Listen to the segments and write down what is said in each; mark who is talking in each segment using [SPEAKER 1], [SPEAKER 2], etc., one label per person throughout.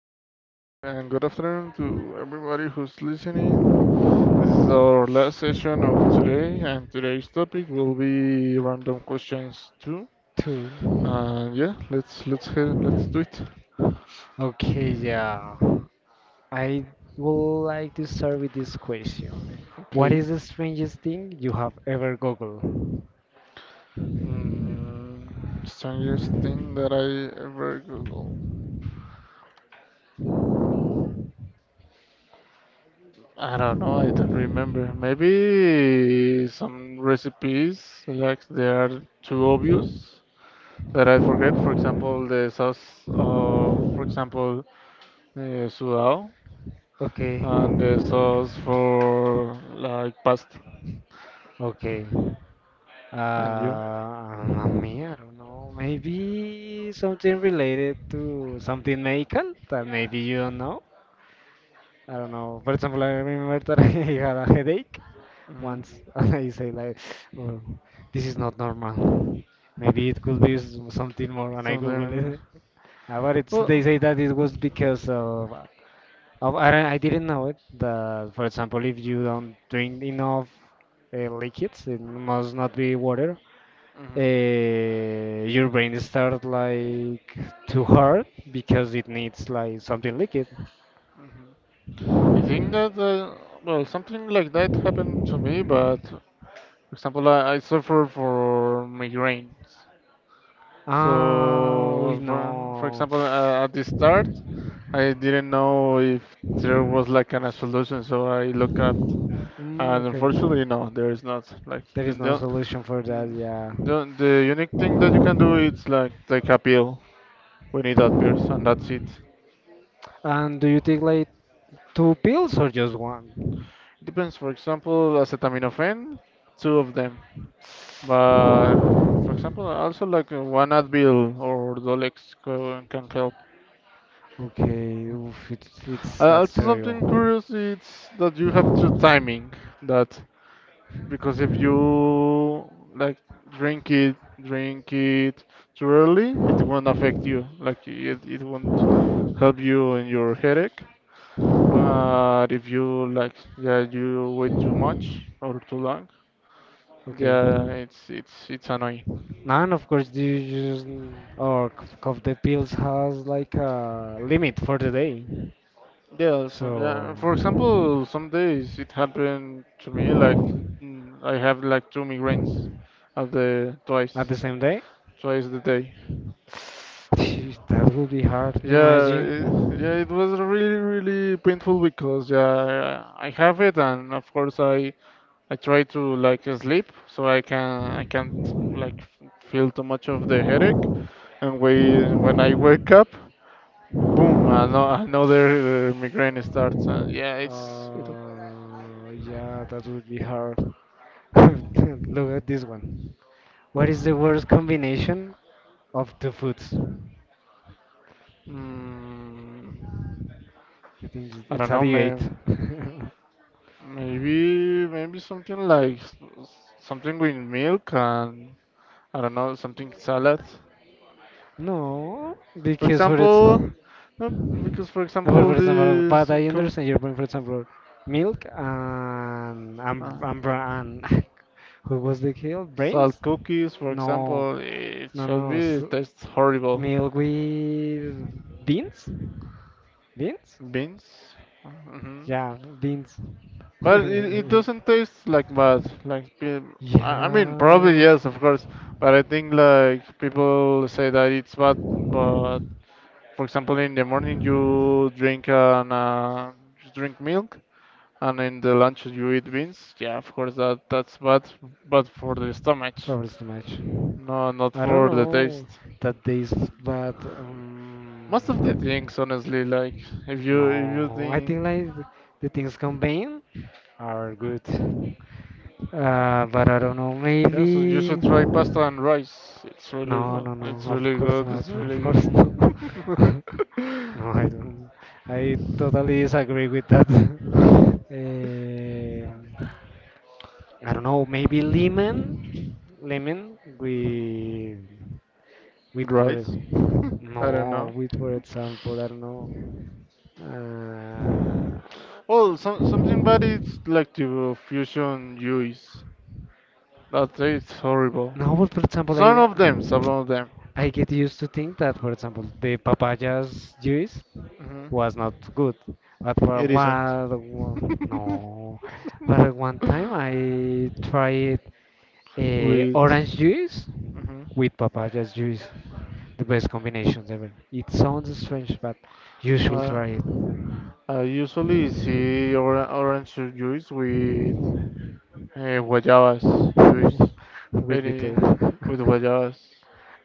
[SPEAKER 1] back and good afternoon to everybody who's listening. This is our last session of today, and today's topic will be random questions too.
[SPEAKER 2] Two.
[SPEAKER 1] And yeah, let's do it.
[SPEAKER 2] Okay, yeah. I would like to start with this question. What
[SPEAKER 1] Okay.
[SPEAKER 2] is the strangest thing you have ever googled?
[SPEAKER 1] Strangest thing that I ever Google. I don't know. I don't remember. Maybe some recipes like they are too obvious that I forget. For example, the sauce. For example, sudado,
[SPEAKER 2] Okay,
[SPEAKER 1] and the sauce for like pasta.
[SPEAKER 2] okay.
[SPEAKER 1] And you?
[SPEAKER 2] Me, I don't know. Maybe something related to something medical that maybe you don't know. I don't know. For example, I remember that I had a headache
[SPEAKER 1] Hmm.
[SPEAKER 2] once. I say like, oh, this is not normal. Maybe it could be something more, and I Google
[SPEAKER 1] Something.
[SPEAKER 2] it. But it's
[SPEAKER 1] Well.
[SPEAKER 2] they say that it was because of I didn't know it. That for example, if you don't drink enough liquids, it must not be water.
[SPEAKER 1] Mhm.
[SPEAKER 2] Your brain starts like too hard because it needs like something liquid.
[SPEAKER 1] I think that well something like that happened to me, but for example, I suffer for migraines.
[SPEAKER 2] Ah, we
[SPEAKER 1] So, for
[SPEAKER 2] know.
[SPEAKER 1] example, at the start, I didn't know if there was like an a solution, so I looked up,
[SPEAKER 2] Mm,
[SPEAKER 1] and
[SPEAKER 2] okay.
[SPEAKER 1] unfortunately, no, there is not. Like
[SPEAKER 2] There is no solution for that,
[SPEAKER 1] N-
[SPEAKER 2] yeah.
[SPEAKER 1] the unique thing that you can do is like take a pill when it appears, and that's it.
[SPEAKER 2] And do you take like two pills or just one?
[SPEAKER 1] Depends, for example, acetaminophen, two of them. But for example, also like one Advil or Dolex can help.
[SPEAKER 2] Okay, oof, it's
[SPEAKER 1] Uh,
[SPEAKER 2] it's that's
[SPEAKER 1] also, something
[SPEAKER 2] terrible.
[SPEAKER 1] curious is that you have to timing that because if you like drink it, drink it too early, it won't affect you. Like it won't help you in your headache. But if you like, yeah, you wait too much or too long,
[SPEAKER 2] Okay,
[SPEAKER 1] yeah, it's annoying.
[SPEAKER 2] none of course. Do you just or of the pills has like a limit for the day?
[SPEAKER 1] Yeah, so yeah,
[SPEAKER 2] So
[SPEAKER 1] for example, some days it happened to me like I have like two migraines of the
[SPEAKER 2] at
[SPEAKER 1] twice
[SPEAKER 2] the same day,
[SPEAKER 1] twice the day.
[SPEAKER 2] that would be hard.
[SPEAKER 1] Yeah, it, yeah,
[SPEAKER 2] Imagine.
[SPEAKER 1] it was really really painful because yeah, I have it and of course I try to like sleep so I can't like feel too much of the headache. And when I wake up, boom, another migraine starts. And yeah, it's.
[SPEAKER 2] Yeah, that would be hard. Look at this one. What is the worst combination of two foods?
[SPEAKER 1] mm,
[SPEAKER 2] I think it's
[SPEAKER 1] I
[SPEAKER 2] it's
[SPEAKER 1] don't
[SPEAKER 2] a
[SPEAKER 1] know,
[SPEAKER 2] debate.
[SPEAKER 1] may, maybe maybe something like s- something with milk and I don't know something salad,
[SPEAKER 2] No,
[SPEAKER 1] for
[SPEAKER 2] because for it's
[SPEAKER 1] example.
[SPEAKER 2] well,
[SPEAKER 1] No, because for example
[SPEAKER 2] for example, but
[SPEAKER 1] these
[SPEAKER 2] I
[SPEAKER 1] co-
[SPEAKER 2] understand your point. For example, milk and
[SPEAKER 1] uh,
[SPEAKER 2] and who was the kill?
[SPEAKER 1] salt
[SPEAKER 2] Brains?
[SPEAKER 1] cookies, for
[SPEAKER 2] No,
[SPEAKER 1] example, it
[SPEAKER 2] no,
[SPEAKER 1] should
[SPEAKER 2] no, no.
[SPEAKER 1] be it tastes horrible.
[SPEAKER 2] Milk with beans? Beans?
[SPEAKER 1] Beans. Hmm.
[SPEAKER 2] Yeah, beans.
[SPEAKER 1] But it doesn't taste like mud. Like I mean, probably
[SPEAKER 2] Yeah,
[SPEAKER 1] yes, of course. But I think like people say that it's bad. But for example, in the morning you drink milk, and in the lunch you eat beans. Yeah, of course that's bad, but for the stomach,
[SPEAKER 2] probably too much.
[SPEAKER 1] no, not
[SPEAKER 2] I don't
[SPEAKER 1] for the
[SPEAKER 2] know
[SPEAKER 1] taste.
[SPEAKER 2] that this, but
[SPEAKER 1] Most of the things, honestly, like if you
[SPEAKER 2] no, I think
[SPEAKER 1] think,
[SPEAKER 2] like the things combined are good. But I don't know,
[SPEAKER 1] yeah, so you
[SPEAKER 2] maybe.
[SPEAKER 1] should try pasta and rice. It's really
[SPEAKER 2] No,
[SPEAKER 1] good.
[SPEAKER 2] no,
[SPEAKER 1] It's
[SPEAKER 2] no. Of
[SPEAKER 1] really
[SPEAKER 2] course
[SPEAKER 1] good. It's
[SPEAKER 2] not. Of
[SPEAKER 1] really
[SPEAKER 2] course not.
[SPEAKER 1] good.
[SPEAKER 2] No, I don't. I totally disagree with that. Um, I don't know. Maybe lemon, lemon with for
[SPEAKER 1] Rice? I don't
[SPEAKER 2] no
[SPEAKER 1] know.
[SPEAKER 2] with for example. I don't know.
[SPEAKER 1] Well, something bad is like
[SPEAKER 2] Uh,
[SPEAKER 1] to fusion juice. That tastes horrible.
[SPEAKER 2] Now, but for example,
[SPEAKER 1] Some of them, some of them.
[SPEAKER 2] I get used to think that, for example, the papaya's juice was
[SPEAKER 1] Mhm.
[SPEAKER 2] not good. But for
[SPEAKER 1] It isn't.
[SPEAKER 2] one, one no, but at one time I tried
[SPEAKER 1] with
[SPEAKER 2] orange juice
[SPEAKER 1] hmm
[SPEAKER 2] with papaya's juice, the best combinations ever. It sounds strange, but you should
[SPEAKER 1] uh,
[SPEAKER 2] try it.
[SPEAKER 1] I usually see orange juice with guayabas juice.
[SPEAKER 2] With bitter.
[SPEAKER 1] Any with guayabas.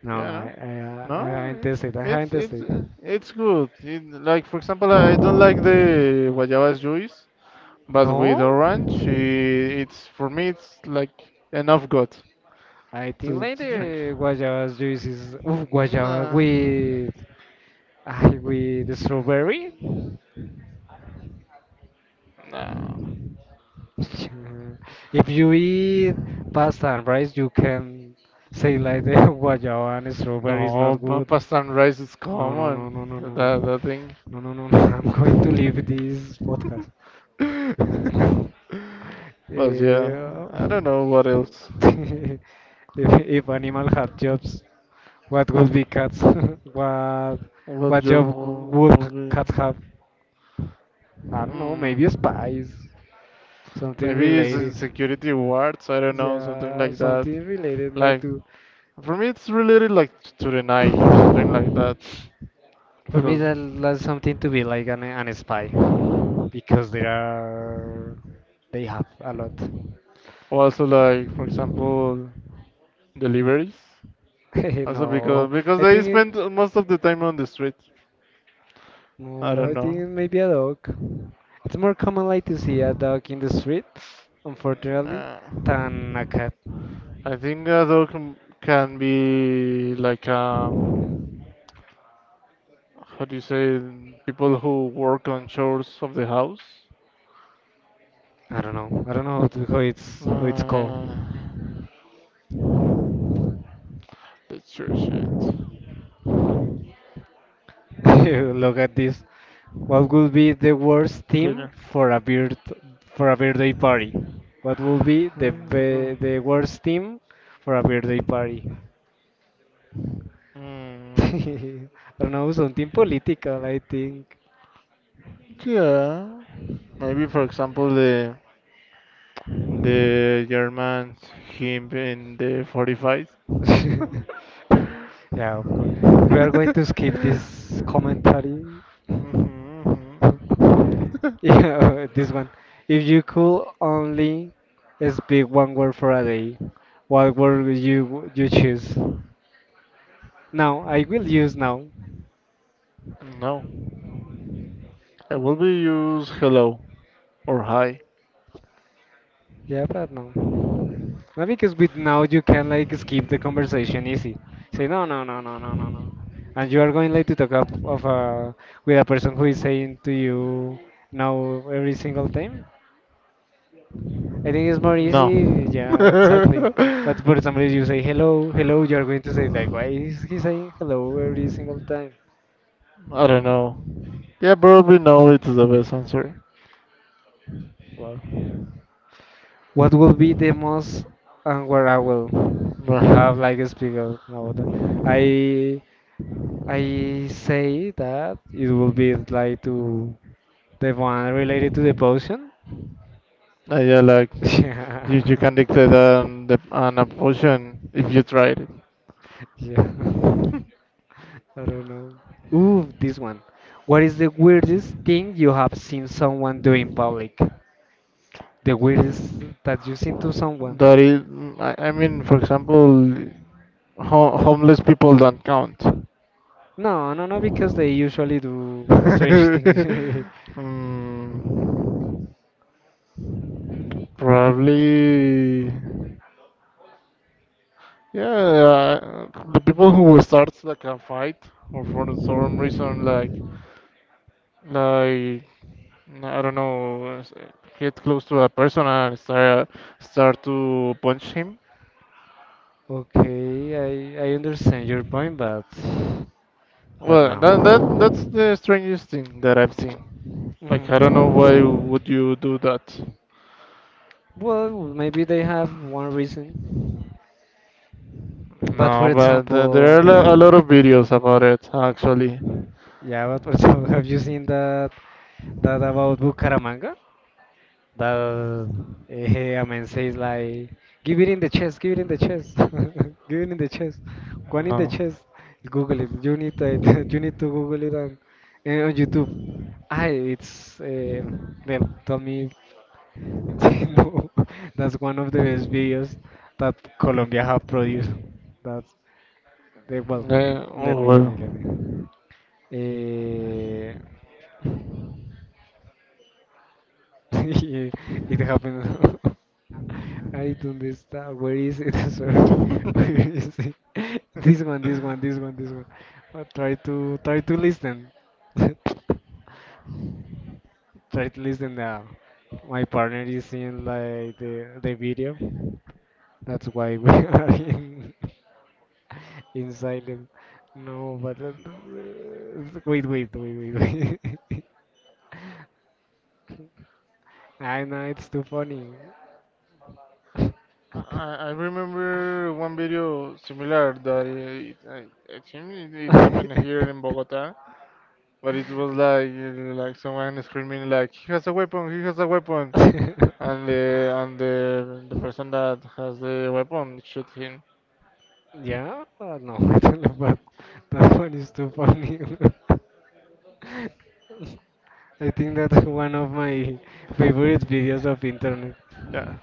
[SPEAKER 2] No,
[SPEAKER 1] Yeah,
[SPEAKER 2] I haven't
[SPEAKER 1] no,
[SPEAKER 2] tested. I haven't
[SPEAKER 1] it's it's
[SPEAKER 2] tested.
[SPEAKER 1] uh, it's good. It, like for example, I don't like the guayabas juice, but
[SPEAKER 2] No,
[SPEAKER 1] with orange, I- it's for me it's like enough good
[SPEAKER 2] I think
[SPEAKER 1] to,
[SPEAKER 2] like
[SPEAKER 1] to drink.
[SPEAKER 2] the guayaba juice is oof, guayaba
[SPEAKER 1] No,
[SPEAKER 2] with ah, with strawberry.
[SPEAKER 1] no,
[SPEAKER 2] Yeah. If you eat pasta and rice, you can say like the guayaba and strawberry is
[SPEAKER 1] no.
[SPEAKER 2] not
[SPEAKER 1] pa-
[SPEAKER 2] good.
[SPEAKER 1] Pasta and rice is
[SPEAKER 2] No, no, no, no,
[SPEAKER 1] common.
[SPEAKER 2] no, no, no, no,
[SPEAKER 1] That thing.
[SPEAKER 2] no, no, no. I'm going to leave this podcast. Eh,
[SPEAKER 1] But yeah, I don't know what else.
[SPEAKER 2] if animal had jobs, what would be cats? what
[SPEAKER 1] What
[SPEAKER 2] what
[SPEAKER 1] job
[SPEAKER 2] job would
[SPEAKER 1] would be?
[SPEAKER 2] cats have? I don't know, maybe
[SPEAKER 1] Hmm.
[SPEAKER 2] spies, something
[SPEAKER 1] Maybe it's uh,
[SPEAKER 2] related.
[SPEAKER 1] security wards, I don't know, something
[SPEAKER 2] Yeah,
[SPEAKER 1] like that.
[SPEAKER 2] something related like
[SPEAKER 1] Like,
[SPEAKER 2] to.
[SPEAKER 1] for me, it's related like to the night or something like that.
[SPEAKER 2] For me,
[SPEAKER 1] Because
[SPEAKER 2] that, that's something to be like an spy because there are they have a lot.
[SPEAKER 1] also like, for example, deliveries. Also
[SPEAKER 2] No,
[SPEAKER 1] because
[SPEAKER 2] I
[SPEAKER 1] they
[SPEAKER 2] think
[SPEAKER 1] spend
[SPEAKER 2] it,
[SPEAKER 1] most of the time on the street. I
[SPEAKER 2] no,
[SPEAKER 1] don't
[SPEAKER 2] I think
[SPEAKER 1] know.
[SPEAKER 2] it may be a dog. It's more common like to see a dog in the street, unfortunately,
[SPEAKER 1] Nah.
[SPEAKER 2] than a cat.
[SPEAKER 1] I think though can be like how do you say it? People who work on chores of the house.
[SPEAKER 2] I don't know. I don't know how, to,
[SPEAKER 1] Nah.
[SPEAKER 2] how it's called.
[SPEAKER 1] Yeah. That's your shit.
[SPEAKER 2] Look at this. What would be the worst theme
[SPEAKER 1] Cleaner.
[SPEAKER 2] for a bird for a birthday party? What would
[SPEAKER 1] Mm,
[SPEAKER 2] be, the worst theme for a birthday party? I don't know, something political, I think.
[SPEAKER 1] Yeah. Maybe for example the Germans him in the 45.
[SPEAKER 2] Yeah, of course. We are going to skip this commentary. Yeah, this one. If you could only speak one word for a day, what word would you choose? Now, I will use now.
[SPEAKER 1] No. I will be use hello or hi.
[SPEAKER 2] Yeah, but no. No, because with now you can like skip the conversation easy. Say no, no, no, no, no, no, no, and you are going like to talk up of a with a person who is saying to you no every single time. I think it's more
[SPEAKER 1] No.
[SPEAKER 2] easy. Yeah, exactly. But for example, if you say hello, hello, you are going to say like, why is he saying hello every single time?
[SPEAKER 1] I don't know. Yeah, probably no. It's the best answer.
[SPEAKER 2] Well, what will be the most unwearable? We have like a speaker about that. I I say that it will be like to the one related to the potion.
[SPEAKER 1] Yeah, like you can
[SPEAKER 2] Yeah,
[SPEAKER 1] dictate an opposition if you tried it.
[SPEAKER 2] yeah. I don't know. Ooh, this one. What is the weirdest thing you have seen someone do in public? The weirdest that you've seen to someone?
[SPEAKER 1] That is, mm, I mean, for example, homeless people don't count.
[SPEAKER 2] No, no, no, because they usually do strange things.
[SPEAKER 1] mm, probably, yeah, the people who starts like a fight or for some reason, like I don't know, get close to a person and start to punch him.
[SPEAKER 2] Okay, I understand your point, but
[SPEAKER 1] Well, that's
[SPEAKER 2] no.
[SPEAKER 1] the strangest thing that I've seen. Like, I don't know why
[SPEAKER 2] Mhm.
[SPEAKER 1] would you do that.
[SPEAKER 2] Well, maybe they have one reason. But for
[SPEAKER 1] No, but there are a lot
[SPEAKER 2] example,
[SPEAKER 1] of videos about it actually.
[SPEAKER 2] yeah, but for example, have you seen that that about Bucaramanga? That a man says like, give it in the chest, give it in the chest, give it in the chest, one in the
[SPEAKER 1] No.
[SPEAKER 2] chest. Google it. You need to, you need to Google it on, on YouTube. I it's Well, tell me, no, that's one of the best videos that Colombia have produced. That's well,
[SPEAKER 1] Eh,
[SPEAKER 2] let
[SPEAKER 1] oh,
[SPEAKER 2] me, let
[SPEAKER 1] well.
[SPEAKER 2] me, let me. Eh, it happened. I don't understand. Where is it? Sorry. Where is it? This one, this one, this one, this one. Try to try to listen. Try to listen now. My partner is in like the video. That's why we are in. In silence. No, but wait, wait, wait, wait, wait. I know it's too funny.
[SPEAKER 1] I remember one video similar that I think it happened here in Bogota, but it was like like someone screaming like he has a weapon, he has a weapon. And the person that has the weapon shoot him.
[SPEAKER 2] Yeah, no, I don't know, but that one is too funny. I think that's one of my favorite videos of internet.
[SPEAKER 1] Yeah.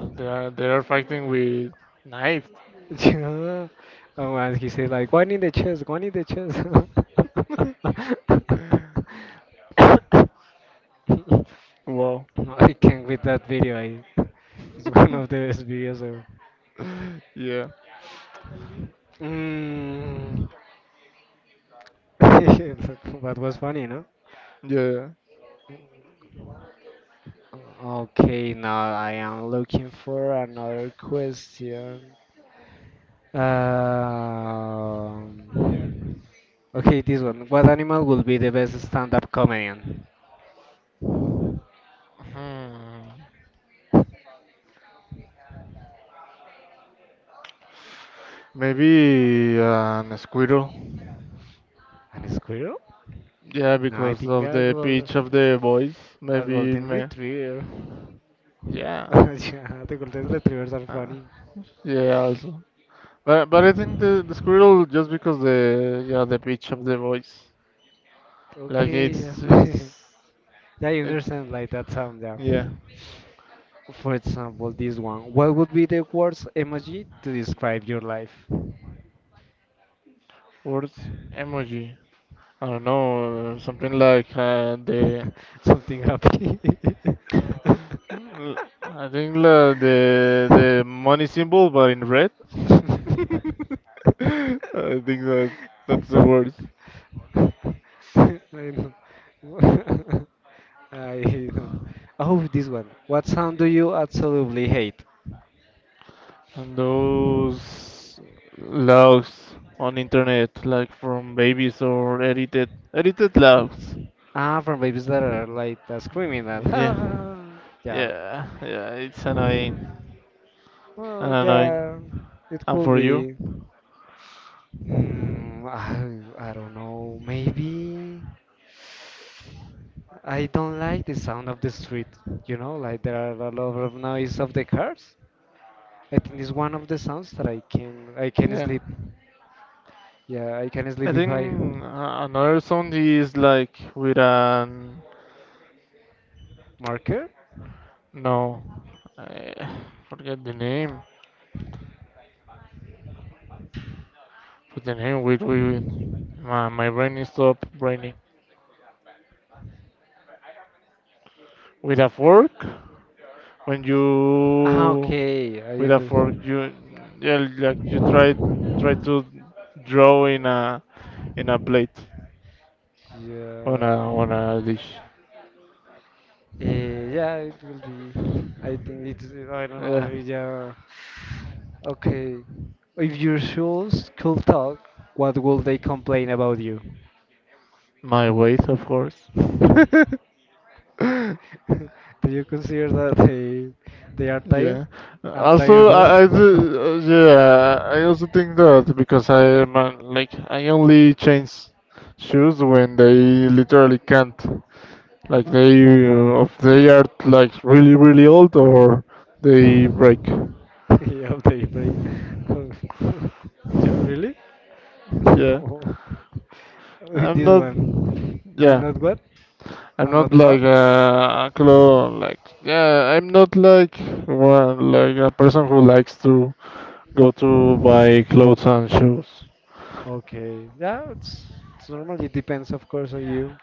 [SPEAKER 1] But they are fighting with knives.
[SPEAKER 2] Yeah. Oh, and he said like one in the chest, one in the chest.
[SPEAKER 1] Wow.
[SPEAKER 2] I can't with that video. I, it's one of the best videos ever.
[SPEAKER 1] Yeah.
[SPEAKER 2] Mm. That was funny, no?
[SPEAKER 1] Yeah.
[SPEAKER 2] Okay, now I am looking for another question. Um, Okay, this one. What animal will be the best stand-up comedian?
[SPEAKER 1] Hmm. Maybe an squirrel.
[SPEAKER 2] An squirrel?
[SPEAKER 1] Yeah,
[SPEAKER 2] No, I
[SPEAKER 1] because
[SPEAKER 2] think
[SPEAKER 1] of
[SPEAKER 2] a
[SPEAKER 1] the
[SPEAKER 2] gold,
[SPEAKER 1] pitch of the voice.
[SPEAKER 2] a
[SPEAKER 1] Maybe
[SPEAKER 2] golden
[SPEAKER 1] me.
[SPEAKER 2] retriever.
[SPEAKER 1] Yeah.
[SPEAKER 2] Yeah, the golden retrievers are
[SPEAKER 1] Uh,
[SPEAKER 2] funny.
[SPEAKER 1] yeah. Also. But I think the squirrel just because the yeah the pitch of the voice. Like
[SPEAKER 2] Okay,
[SPEAKER 1] it's
[SPEAKER 2] yeah.
[SPEAKER 1] it's
[SPEAKER 2] Yeah, you
[SPEAKER 1] it.
[SPEAKER 2] understand like that sound, yeah.
[SPEAKER 1] Yeah.
[SPEAKER 2] For example, this one. What would be the worst emoji to describe your life?
[SPEAKER 1] Words emoji. I don't know, something like the.
[SPEAKER 2] Something happy.
[SPEAKER 1] l- I think la, the money symbol, but in red. I think that that's the
[SPEAKER 2] I
[SPEAKER 1] worst.
[SPEAKER 2] know. I know. Oh, this one. What sound do you absolutely hate?
[SPEAKER 1] And those logs on internet, like from babies or edited logs.
[SPEAKER 2] Ah, from babies that are like screaming that.
[SPEAKER 1] Yeah,
[SPEAKER 2] Yeah.
[SPEAKER 1] yeah, yeah. It's annoying, and
[SPEAKER 2] Oh,
[SPEAKER 1] annoying.
[SPEAKER 2] yeah. It
[SPEAKER 1] And
[SPEAKER 2] could
[SPEAKER 1] for you,
[SPEAKER 2] be. Mm, I don't know. Maybe. I don't like the sound of the street. You know, like there are a lot of noise of the cars. I think it's one of the sounds that I can
[SPEAKER 1] yeah.
[SPEAKER 2] sleep. Yeah, I can sleep
[SPEAKER 1] I
[SPEAKER 2] if I
[SPEAKER 1] think another sound is like with an
[SPEAKER 2] marker.
[SPEAKER 1] no, I forget the name. But the name, wait, wait, wait. My brain is stop braining. With a fork, when
[SPEAKER 2] Ah,
[SPEAKER 1] you
[SPEAKER 2] okay, I understand.
[SPEAKER 1] you yeah, like you try to draw in a plate on a
[SPEAKER 2] Yeah,
[SPEAKER 1] on a dish.
[SPEAKER 2] Yeah, it will be. I think it's I don't know.
[SPEAKER 1] Yeah,
[SPEAKER 2] Yeah, okay. If your shoes could talk, what would they complain about you?
[SPEAKER 1] my weight, of course.
[SPEAKER 2] Do you consider that they are tired?
[SPEAKER 1] Yeah. Uh,
[SPEAKER 2] I'm tired,
[SPEAKER 1] Also,
[SPEAKER 2] boss.
[SPEAKER 1] I, I do, uh, yeah, I also think that because I am like I only change shoes when they literally can't. Like if they are like really really old or they break.
[SPEAKER 2] Yeah, they break. Ja- really?
[SPEAKER 1] Yeah.
[SPEAKER 2] No. With
[SPEAKER 1] I'm
[SPEAKER 2] this
[SPEAKER 1] not.
[SPEAKER 2] one. I'm
[SPEAKER 1] Yeah.
[SPEAKER 2] not what?
[SPEAKER 1] I'm
[SPEAKER 2] I'm
[SPEAKER 1] not
[SPEAKER 2] not
[SPEAKER 1] like
[SPEAKER 2] proud?
[SPEAKER 1] a clo like yeah. I'm not like one like a person who likes to go to buy clothes and shoes.
[SPEAKER 2] Okay. It's normal. It depends, of course, on you.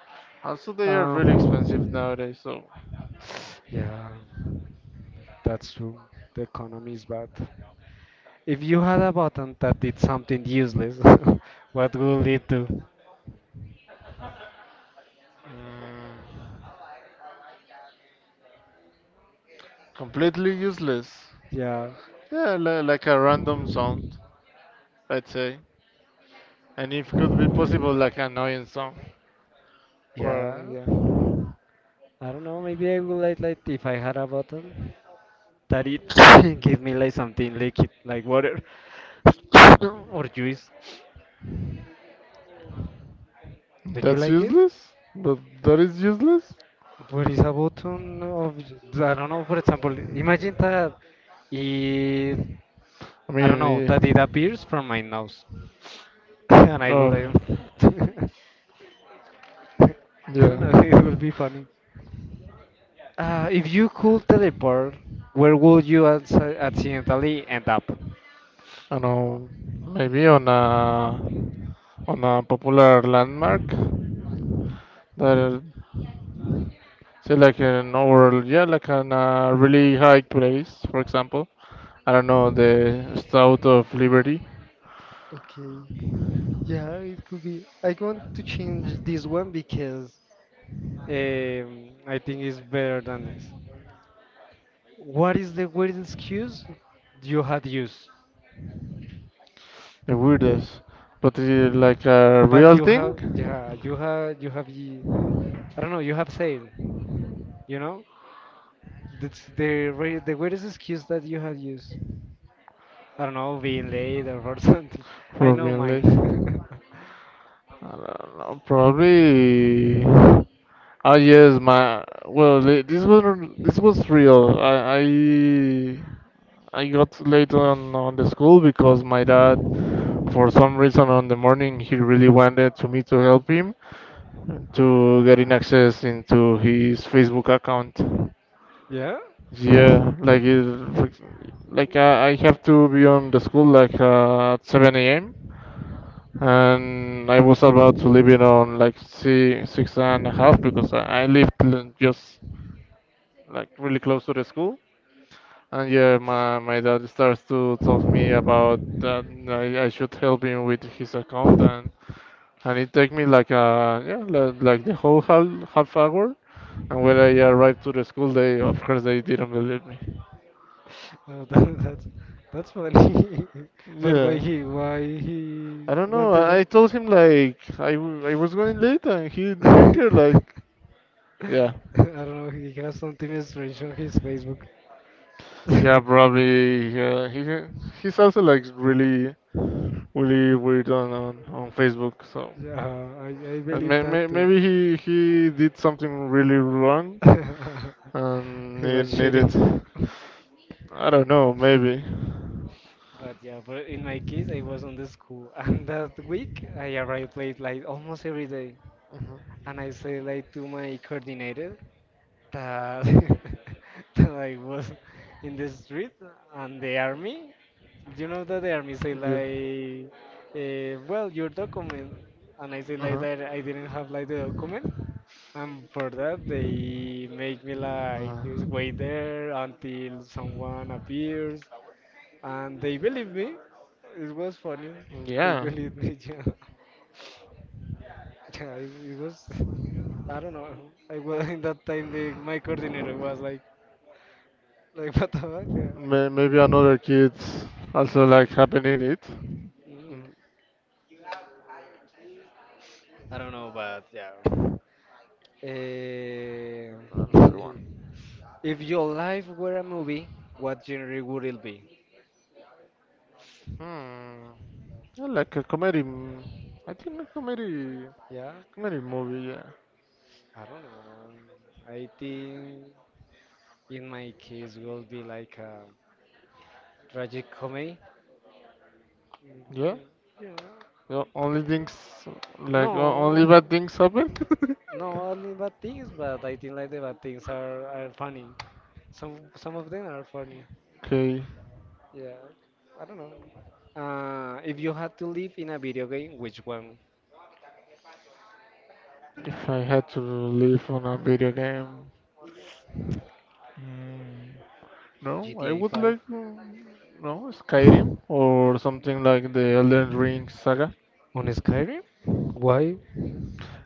[SPEAKER 1] Also, they are really expensive
[SPEAKER 2] Um,
[SPEAKER 1] nowadays, so
[SPEAKER 2] yeah, that's true. The economy is bad. If you had a button that did something useless, what would it do?
[SPEAKER 1] Mm, completely useless.
[SPEAKER 2] Yeah,
[SPEAKER 1] Yeah, like a random sound, I'd say. And if could be possible, like an annoying song. Or
[SPEAKER 2] yeah.
[SPEAKER 1] yeah,
[SPEAKER 2] I don't know. Maybe I would like if I had a button that it give me like something liquid, like water or juice. Don't you
[SPEAKER 1] that's
[SPEAKER 2] like it?
[SPEAKER 1] useless. But that is useless.
[SPEAKER 2] But it's a button of, I don't know, for example, imagine that it,
[SPEAKER 1] I
[SPEAKER 2] I don't know,
[SPEAKER 1] mean,
[SPEAKER 2] that it
[SPEAKER 1] yeah.
[SPEAKER 2] appears from my nose. And I will,
[SPEAKER 1] Um,
[SPEAKER 2] I
[SPEAKER 1] yeah.
[SPEAKER 2] don't know, it will be funny. If you could teleport, where would you accidentally end up?
[SPEAKER 1] I know. Maybe on a popular landmark that say like an overall yeah, like on a really high place, for example. I don't know, the Statue of Liberty,
[SPEAKER 2] Okay. Yeah, it could be. I want to change this one because um, I think it's better than this. What is the worst excuse you had used?
[SPEAKER 1] the weirdest. But is it like a
[SPEAKER 2] But
[SPEAKER 1] real
[SPEAKER 2] you have,
[SPEAKER 1] thing
[SPEAKER 2] yeah, I don't know, you have said, you know, that's the the weirdest excuse that you have used. I don't know, being late or for something. I
[SPEAKER 1] for
[SPEAKER 2] know
[SPEAKER 1] being late? I
[SPEAKER 2] mine.
[SPEAKER 1] don't know, probably. Oh yes, my well, this was real. I got late on the school because my dad, for some reason, on the morning he really wanted to me to help him to getting access into his Facebook account.
[SPEAKER 2] Yeah,
[SPEAKER 1] Yeah, like it, like like I have to be on the school like at 7 a.m. And I was about to leave it on like six and a half because I live just like really close to the school. And yeah, my dad starts to talk me about that I should help him with his account and it take me like like the whole half hour. And when I arrived to the school, they of course they didn't believe me.
[SPEAKER 2] oh, that, that's funny. But
[SPEAKER 1] Yeah.
[SPEAKER 2] why he
[SPEAKER 1] I don't know.
[SPEAKER 2] wanted
[SPEAKER 1] I told him like I was going late and he didn't
[SPEAKER 2] that?
[SPEAKER 1] care. Like
[SPEAKER 2] I
[SPEAKER 1] yeah,
[SPEAKER 2] don't know. He has something strange on his Facebook.
[SPEAKER 1] yeah,
[SPEAKER 2] Yeah,
[SPEAKER 1] probably. Yeah, he's also like really really weird on Facebook. So
[SPEAKER 2] I
[SPEAKER 1] and
[SPEAKER 2] believe
[SPEAKER 1] may, may,
[SPEAKER 2] that too.
[SPEAKER 1] maybe he did something really wrong and
[SPEAKER 2] He was
[SPEAKER 1] needed.
[SPEAKER 2] cheating.
[SPEAKER 1] I don't know. Maybe.
[SPEAKER 2] But yeah, but in my case, I was on the school, and that week I arrived late, like almost every day.
[SPEAKER 1] Mhm.
[SPEAKER 2] And I said like to my coordinator that, that I was in the street and the army. You know that the army say
[SPEAKER 1] Yeah.
[SPEAKER 2] like, well, your document, and I say like
[SPEAKER 1] Uh-huh.
[SPEAKER 2] that I didn't have like the document, and for that they make me
[SPEAKER 1] Mm.
[SPEAKER 2] like just wait
[SPEAKER 1] Uh
[SPEAKER 2] there until someone appears, and they believe me. It was funny.
[SPEAKER 1] huh.
[SPEAKER 2] They
[SPEAKER 1] Yeah.
[SPEAKER 2] believed me. Yeah, it was. I don't know. I was in that time. The my coordinator was like what the fuck? Yeah.
[SPEAKER 1] Maybe another kids also
[SPEAKER 2] Mm,
[SPEAKER 1] like happen in it.
[SPEAKER 2] mm.
[SPEAKER 1] Mm,
[SPEAKER 2] I don't know, but yeah. Eh,
[SPEAKER 1] Another one.
[SPEAKER 2] if your life were a movie, what genre would it be?
[SPEAKER 1] Hmm. I like a comedy. I think a comedy
[SPEAKER 2] Yeah,
[SPEAKER 1] comedy movie. Yeah.
[SPEAKER 2] I don't know. I think in my case will be like a tragic comedy. Mhm,
[SPEAKER 1] Yeah.
[SPEAKER 2] yeah, yeah.
[SPEAKER 1] The only things like o- only
[SPEAKER 2] No,
[SPEAKER 1] bad things happen.
[SPEAKER 2] no, only bad things, but I think like the bad things are funny. Some of them are funny.
[SPEAKER 1] Okay.
[SPEAKER 2] Yeah, I don't know. If you had to live in a video game, which one?
[SPEAKER 1] If I had to live on a video game, mm, no, I
[SPEAKER 2] GTA
[SPEAKER 1] would
[SPEAKER 2] 5?
[SPEAKER 1] like no Skyrim or something like the Elden Ring saga.
[SPEAKER 2] On Skyrim? Why?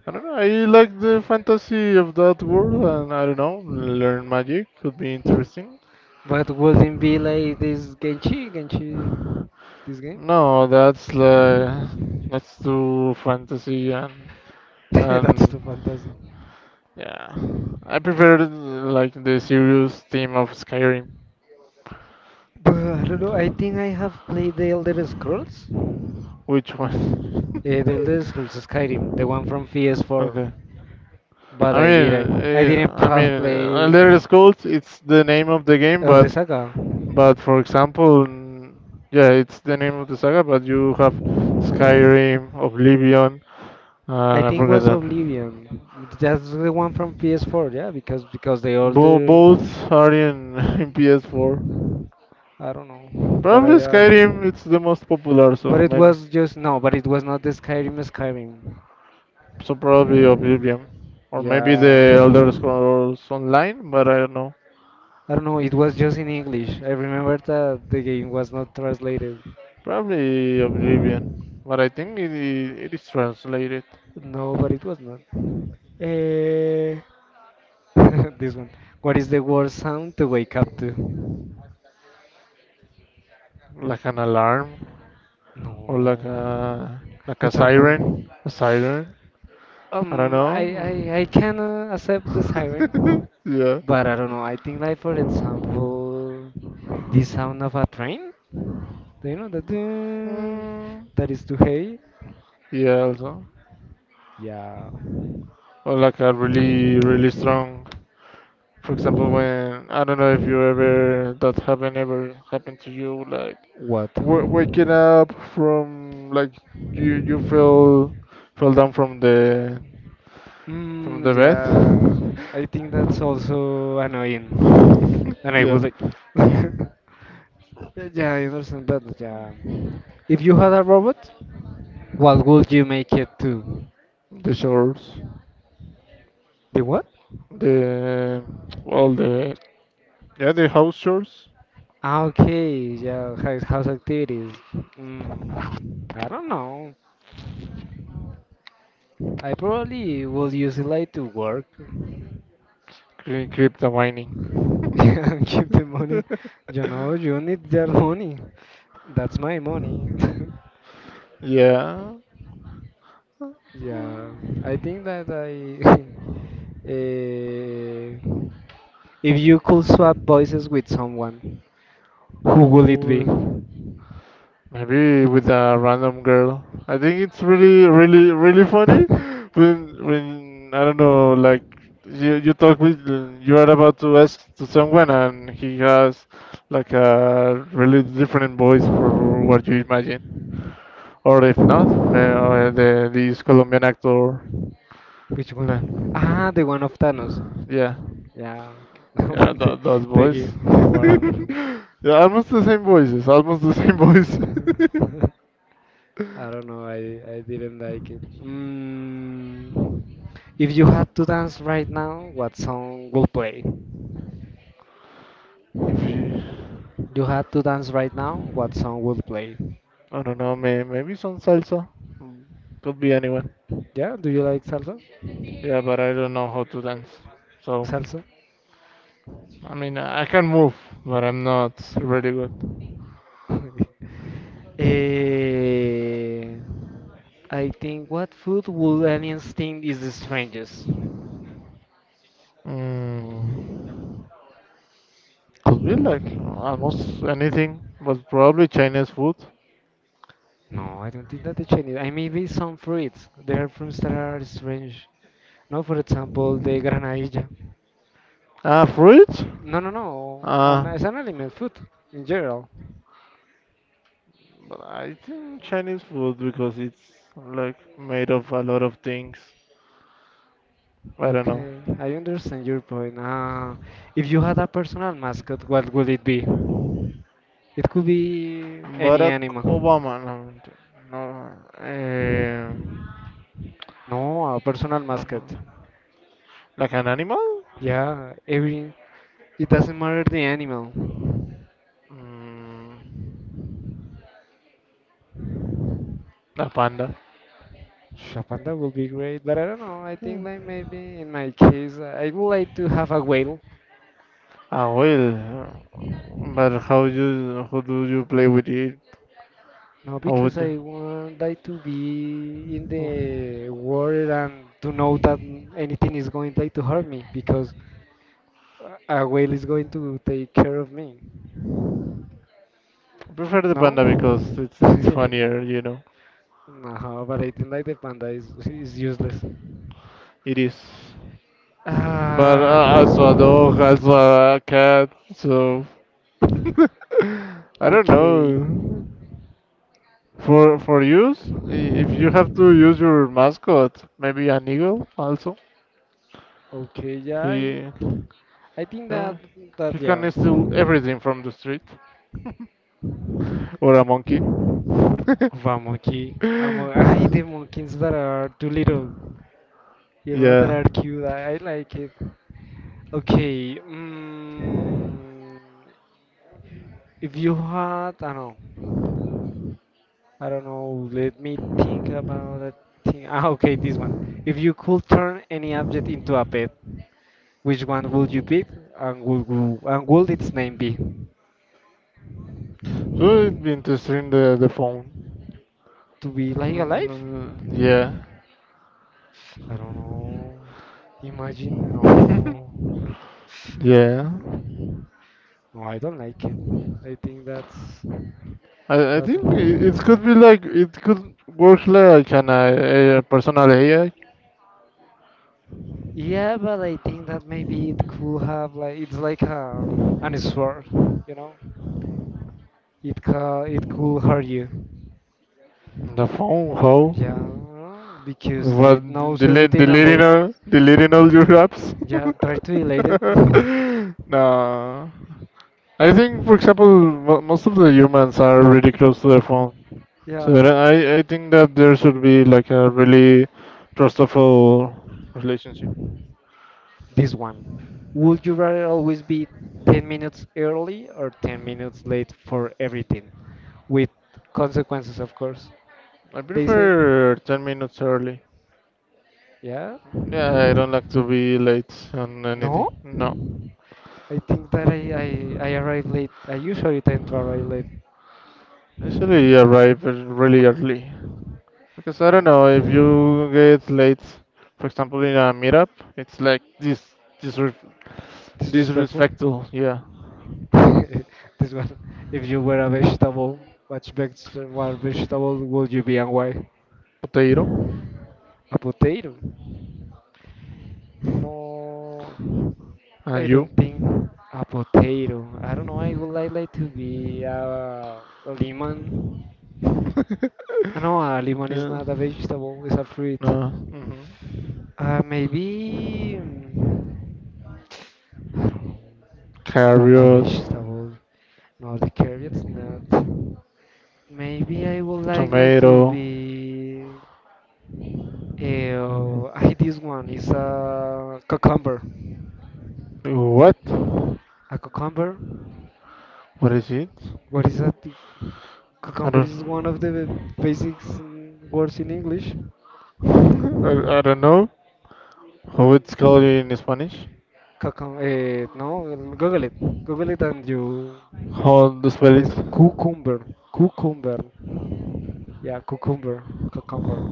[SPEAKER 1] I don't know. I like the fantasy of that world, and I don't know. Learn magic could be interesting.
[SPEAKER 2] But wouldn't be like this Genchi this game?
[SPEAKER 1] No, that's too fantasy and
[SPEAKER 2] That's too
[SPEAKER 1] and
[SPEAKER 2] fantasy.
[SPEAKER 1] yeah. I prefer like the serious theme of Skyrim.
[SPEAKER 2] But I don't know, I think I have played the Elder Scrolls.
[SPEAKER 1] Which one?
[SPEAKER 2] Yeah, the Elder Scrolls Skyrim, the one from PS4.
[SPEAKER 1] Okay.
[SPEAKER 2] But
[SPEAKER 1] I
[SPEAKER 2] I
[SPEAKER 1] mean,
[SPEAKER 2] didn't. I
[SPEAKER 1] eh,
[SPEAKER 2] didn't
[SPEAKER 1] I mean,
[SPEAKER 2] have
[SPEAKER 1] uh, Elder
[SPEAKER 2] play
[SPEAKER 1] Scrolls. It's the name of the game,
[SPEAKER 2] of
[SPEAKER 1] but
[SPEAKER 2] the saga.
[SPEAKER 1] But for example, yeah, it's the name of the saga, but you have Skyrim, Oblivion,
[SPEAKER 2] I
[SPEAKER 1] and I
[SPEAKER 2] think it
[SPEAKER 1] forgot
[SPEAKER 2] was
[SPEAKER 1] that.
[SPEAKER 2] Oblivion. That's the one from PS4, yeah, because the
[SPEAKER 1] Bo-
[SPEAKER 2] older
[SPEAKER 1] both are in, in PS4.
[SPEAKER 2] I don't know, but
[SPEAKER 1] Probably
[SPEAKER 2] I
[SPEAKER 1] Skyrim, it's the most popular, so
[SPEAKER 2] but it
[SPEAKER 1] maybe.
[SPEAKER 2] was just no, but it was not the Skyrim.
[SPEAKER 1] So probably Oblivion. Or maybe
[SPEAKER 2] Yeah.
[SPEAKER 1] the Elder Scrolls Online, but I don't know.
[SPEAKER 2] I don't know, it was just in English. I remember that the game was not translated.
[SPEAKER 1] Probably Oblivion. But I think it is translated
[SPEAKER 2] No, but it was not. Eh, this one. What is the worst sound to wake up to?
[SPEAKER 1] like an alarm or like
[SPEAKER 2] No.
[SPEAKER 1] a
[SPEAKER 2] Good
[SPEAKER 1] siren.
[SPEAKER 2] sample.
[SPEAKER 1] A siren. I don't
[SPEAKER 2] I,
[SPEAKER 1] know.
[SPEAKER 2] I, I can accept the
[SPEAKER 1] Mm.
[SPEAKER 2] siren,
[SPEAKER 1] yeah.
[SPEAKER 2] but I don't know. I think like for example, the sound of a train. Do you know that?
[SPEAKER 1] Mm,
[SPEAKER 2] That is too heavy.
[SPEAKER 1] yeah, also.
[SPEAKER 2] Yeah.
[SPEAKER 1] Or like a really, really strong. For example, when I don't know if you ever that happen ever happened to you, like
[SPEAKER 2] What?
[SPEAKER 1] w waking up from like you fell down from the
[SPEAKER 2] Mm, yeah.
[SPEAKER 1] bed.
[SPEAKER 2] I think that's also annoying, and I
[SPEAKER 1] Yeah.
[SPEAKER 2] would like.
[SPEAKER 1] Mm.
[SPEAKER 2] Yeah, I understand that. Yeah. If you had a robot, what would you make it to?
[SPEAKER 1] The shores,
[SPEAKER 2] The what?
[SPEAKER 1] the well, the yeah, the house shores.
[SPEAKER 2] Ah, okay, yeah, house, house activities. Mm, I don't know. I probably will use it like to work.
[SPEAKER 1] Crypto mining.
[SPEAKER 2] Yeah, keep the money. You know, you need that money. That's my money.
[SPEAKER 1] Yeah,
[SPEAKER 2] Yeah, I think that I. eh, if you could swap voices with someone, who will it be?
[SPEAKER 1] or maybe with a random girl. I think it's really, really, really funny when I don't know, like you talk with you are about to ask to someone and he has like a really different voice for what you imagine. Or if not, may- the this Colombian actor.
[SPEAKER 2] Which
[SPEAKER 1] le-
[SPEAKER 2] one? Ah, the one of Thanos.
[SPEAKER 1] Yeah.
[SPEAKER 2] Yeah,
[SPEAKER 1] Yeah,
[SPEAKER 2] but they,
[SPEAKER 1] those
[SPEAKER 2] the
[SPEAKER 1] boys.
[SPEAKER 2] game, the Warzone.
[SPEAKER 1] Yeah, almost the same voices. Almost the same voice.
[SPEAKER 2] I don't know. I didn't like it. If you had to dance right now, what song will play?
[SPEAKER 1] if you,
[SPEAKER 2] You had to dance right now, what song will play?
[SPEAKER 1] I don't know, maybe some salsa. Mm, Could be anyone.
[SPEAKER 2] Yeah, do you like salsa?
[SPEAKER 1] Yeah, but I don't know how to dance. So,
[SPEAKER 2] Salsa?
[SPEAKER 1] I mean, I can move, but I'm not really good.
[SPEAKER 2] Eh, I think what food would aliens think is the strangest?
[SPEAKER 1] Mm, could be like almost anything, but probably Chinese food.
[SPEAKER 2] No, I don't think that the Chinese. I maybe some fruits. There are fruits that are strange. No, for example, the granadilla.
[SPEAKER 1] Ah, fruit?
[SPEAKER 2] No, no, no. An,
[SPEAKER 1] Ah.
[SPEAKER 2] it's an aliment food in general.
[SPEAKER 1] But I think Chinese food because it's like made of a lot of things. I don't know.
[SPEAKER 2] Okay, I understand your point. If you had a personal mascot, what would it be? It could be any
[SPEAKER 1] Barack
[SPEAKER 2] animal.
[SPEAKER 1] Obama, no, no,
[SPEAKER 2] No, a personal
[SPEAKER 1] like,
[SPEAKER 2] mascot.
[SPEAKER 1] like an animal?
[SPEAKER 2] Yeah, every. It doesn't matter the animal.
[SPEAKER 1] Mm, a panda.
[SPEAKER 2] Shapanda A would be great, but I don't know. I think like maybe in my case, I would like to have a whale.
[SPEAKER 1] A whale. But how do you play with it?
[SPEAKER 2] No,
[SPEAKER 1] How
[SPEAKER 2] because
[SPEAKER 1] would you?
[SPEAKER 2] I want like to be in
[SPEAKER 1] I
[SPEAKER 2] the water and to know that anything is going like to hurt me because a whale is going to take care of me.
[SPEAKER 1] prefer the
[SPEAKER 2] No?
[SPEAKER 1] panda because it's funnier.
[SPEAKER 2] no, but I think like the panda is useless.
[SPEAKER 1] It is. But
[SPEAKER 2] Ah,
[SPEAKER 1] as a dog, as a cat, so I don't
[SPEAKER 2] okay,
[SPEAKER 1] know. For use, if you have to use your mascot, maybe an eagle also.
[SPEAKER 2] okay, yeah,
[SPEAKER 1] He
[SPEAKER 2] I think
[SPEAKER 1] uh,
[SPEAKER 2] that
[SPEAKER 1] he
[SPEAKER 2] that yeah.
[SPEAKER 1] can steal everything from the street or a monkey.
[SPEAKER 2] The monkey, a mon- ay, the monkeys that are too little. You know that
[SPEAKER 1] Yeah,
[SPEAKER 2] are cute. I like it. Okay. If you had, I don't know. I don't know. Let me think about a thing. Ah, okay, this one. If you could turn any object into a pet, which one would you pick, and would wo- and would its name be?
[SPEAKER 1] so it'd be interesting the phone.
[SPEAKER 2] To be like
[SPEAKER 1] Mm,
[SPEAKER 2] alive?
[SPEAKER 1] mm, yeah,
[SPEAKER 2] I don't know. Imagine no.
[SPEAKER 1] yeah.
[SPEAKER 2] No, I don't like it. I think that's
[SPEAKER 1] I
[SPEAKER 2] that's.
[SPEAKER 1] think it could be like it could work like an a personal AI
[SPEAKER 2] Yeah, but I think that maybe it could have like it's like a an sword, you know? It ca it could hurt you.
[SPEAKER 1] the phone. How?
[SPEAKER 2] Yeah, because
[SPEAKER 1] What
[SPEAKER 2] it knows
[SPEAKER 1] delete
[SPEAKER 2] everything about.
[SPEAKER 1] deleting all your apps?
[SPEAKER 2] Yeah, try to delete it.
[SPEAKER 1] No, I think for example most of the humans are really close to their phone, so that
[SPEAKER 2] Yeah,
[SPEAKER 1] I think that there should be like a really trustful relationship.
[SPEAKER 2] this one. Would you rather always be 10 minutes early or 10 minutes late for everything? With consequences, of course.
[SPEAKER 1] I
[SPEAKER 2] They say,
[SPEAKER 1] prefer 10 minutes early.
[SPEAKER 2] yeah.
[SPEAKER 1] Yeah, I don't like to be late on anything.
[SPEAKER 2] No,
[SPEAKER 1] No.
[SPEAKER 2] I think that I arrive late. I usually tend to arrive late.
[SPEAKER 1] Usually you arrive really early because I don't know
[SPEAKER 2] No,
[SPEAKER 1] if you get late, for example, in a meetup, it's like this disre
[SPEAKER 2] disrespectful.
[SPEAKER 1] disrespectful, yeah,
[SPEAKER 2] this one. If you were a vegetable, what vegetable, what vegetable would you be and why?
[SPEAKER 1] potato,
[SPEAKER 2] A potato. No,
[SPEAKER 1] and
[SPEAKER 2] I
[SPEAKER 1] you,
[SPEAKER 2] don't think a potato. I don't know. I would like to be a lemon. Ah, no, a lemon is
[SPEAKER 1] yeah,
[SPEAKER 2] not a vegetable, it's a fruit.
[SPEAKER 1] no,
[SPEAKER 2] Maybe. I don't know. A
[SPEAKER 1] carrot,
[SPEAKER 2] vegetable. No, the carrot's not. Maybe I would like to
[SPEAKER 1] tomato,
[SPEAKER 2] be. I this one is a cucumber.
[SPEAKER 1] what?
[SPEAKER 2] A cucumber?
[SPEAKER 1] What is it?
[SPEAKER 2] What is that?
[SPEAKER 1] I
[SPEAKER 2] Cucumber
[SPEAKER 1] don't,
[SPEAKER 2] is one of the basic words in English.
[SPEAKER 1] I don't know how it's called in Spanish.
[SPEAKER 2] Cucum eh, no, Google it. Google it and you.
[SPEAKER 1] How to spell
[SPEAKER 2] It's
[SPEAKER 1] it?
[SPEAKER 2] cucumber. Cucumber. Yeah, cucumber. Cucumber.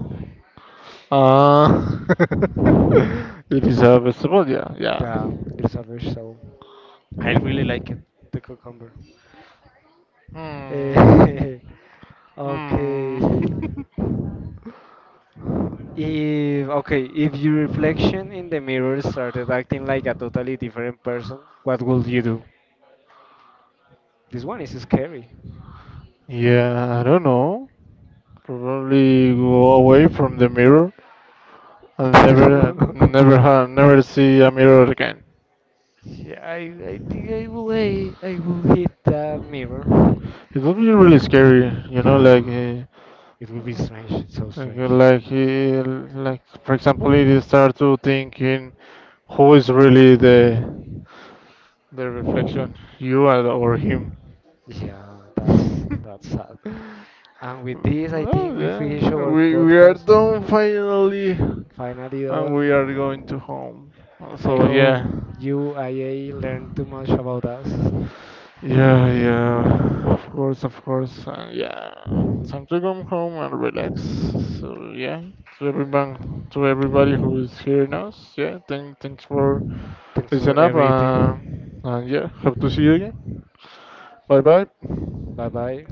[SPEAKER 1] Uh, it is a vegetable, yeah, yeah.
[SPEAKER 2] Yeah, it's a vegetable. I really like it, the cucumber.
[SPEAKER 1] Hmm.
[SPEAKER 2] Eh,
[SPEAKER 1] Hmm.
[SPEAKER 2] okay. If okay, if your reflection in the mirror started acting like a totally different person, what would you do? This one is scary.
[SPEAKER 1] Yeah, I don't know. Probably go away from the mirror and never, never, ha never see a mirror again.
[SPEAKER 2] Yeah, I think I will hit that mirror.
[SPEAKER 1] It would be really scary, like,
[SPEAKER 2] Yeah, it will be strange, so strange.
[SPEAKER 1] like, like, for example, if you start to thinking who is really the reflection, you or him.
[SPEAKER 2] Yeah, that's that's sad. And with this, I think
[SPEAKER 1] Well,
[SPEAKER 2] we finish
[SPEAKER 1] yeah,
[SPEAKER 2] our
[SPEAKER 1] we are
[SPEAKER 2] podcast.
[SPEAKER 1] done finally, and
[SPEAKER 2] Finally
[SPEAKER 1] we are going to
[SPEAKER 2] done.
[SPEAKER 1] home.
[SPEAKER 2] I
[SPEAKER 1] So
[SPEAKER 2] hope
[SPEAKER 1] yeah,
[SPEAKER 2] you IA learned too much about us.
[SPEAKER 1] yeah, yeah. Of course, and yeah. Time to come home and relax. So yeah, to everyone, to everybody who is hearing us, yeah. Thanks for
[SPEAKER 2] Thanks for
[SPEAKER 1] listening up,
[SPEAKER 2] everything.
[SPEAKER 1] and yeah, hope to see you again. Bye bye.
[SPEAKER 2] Bye bye.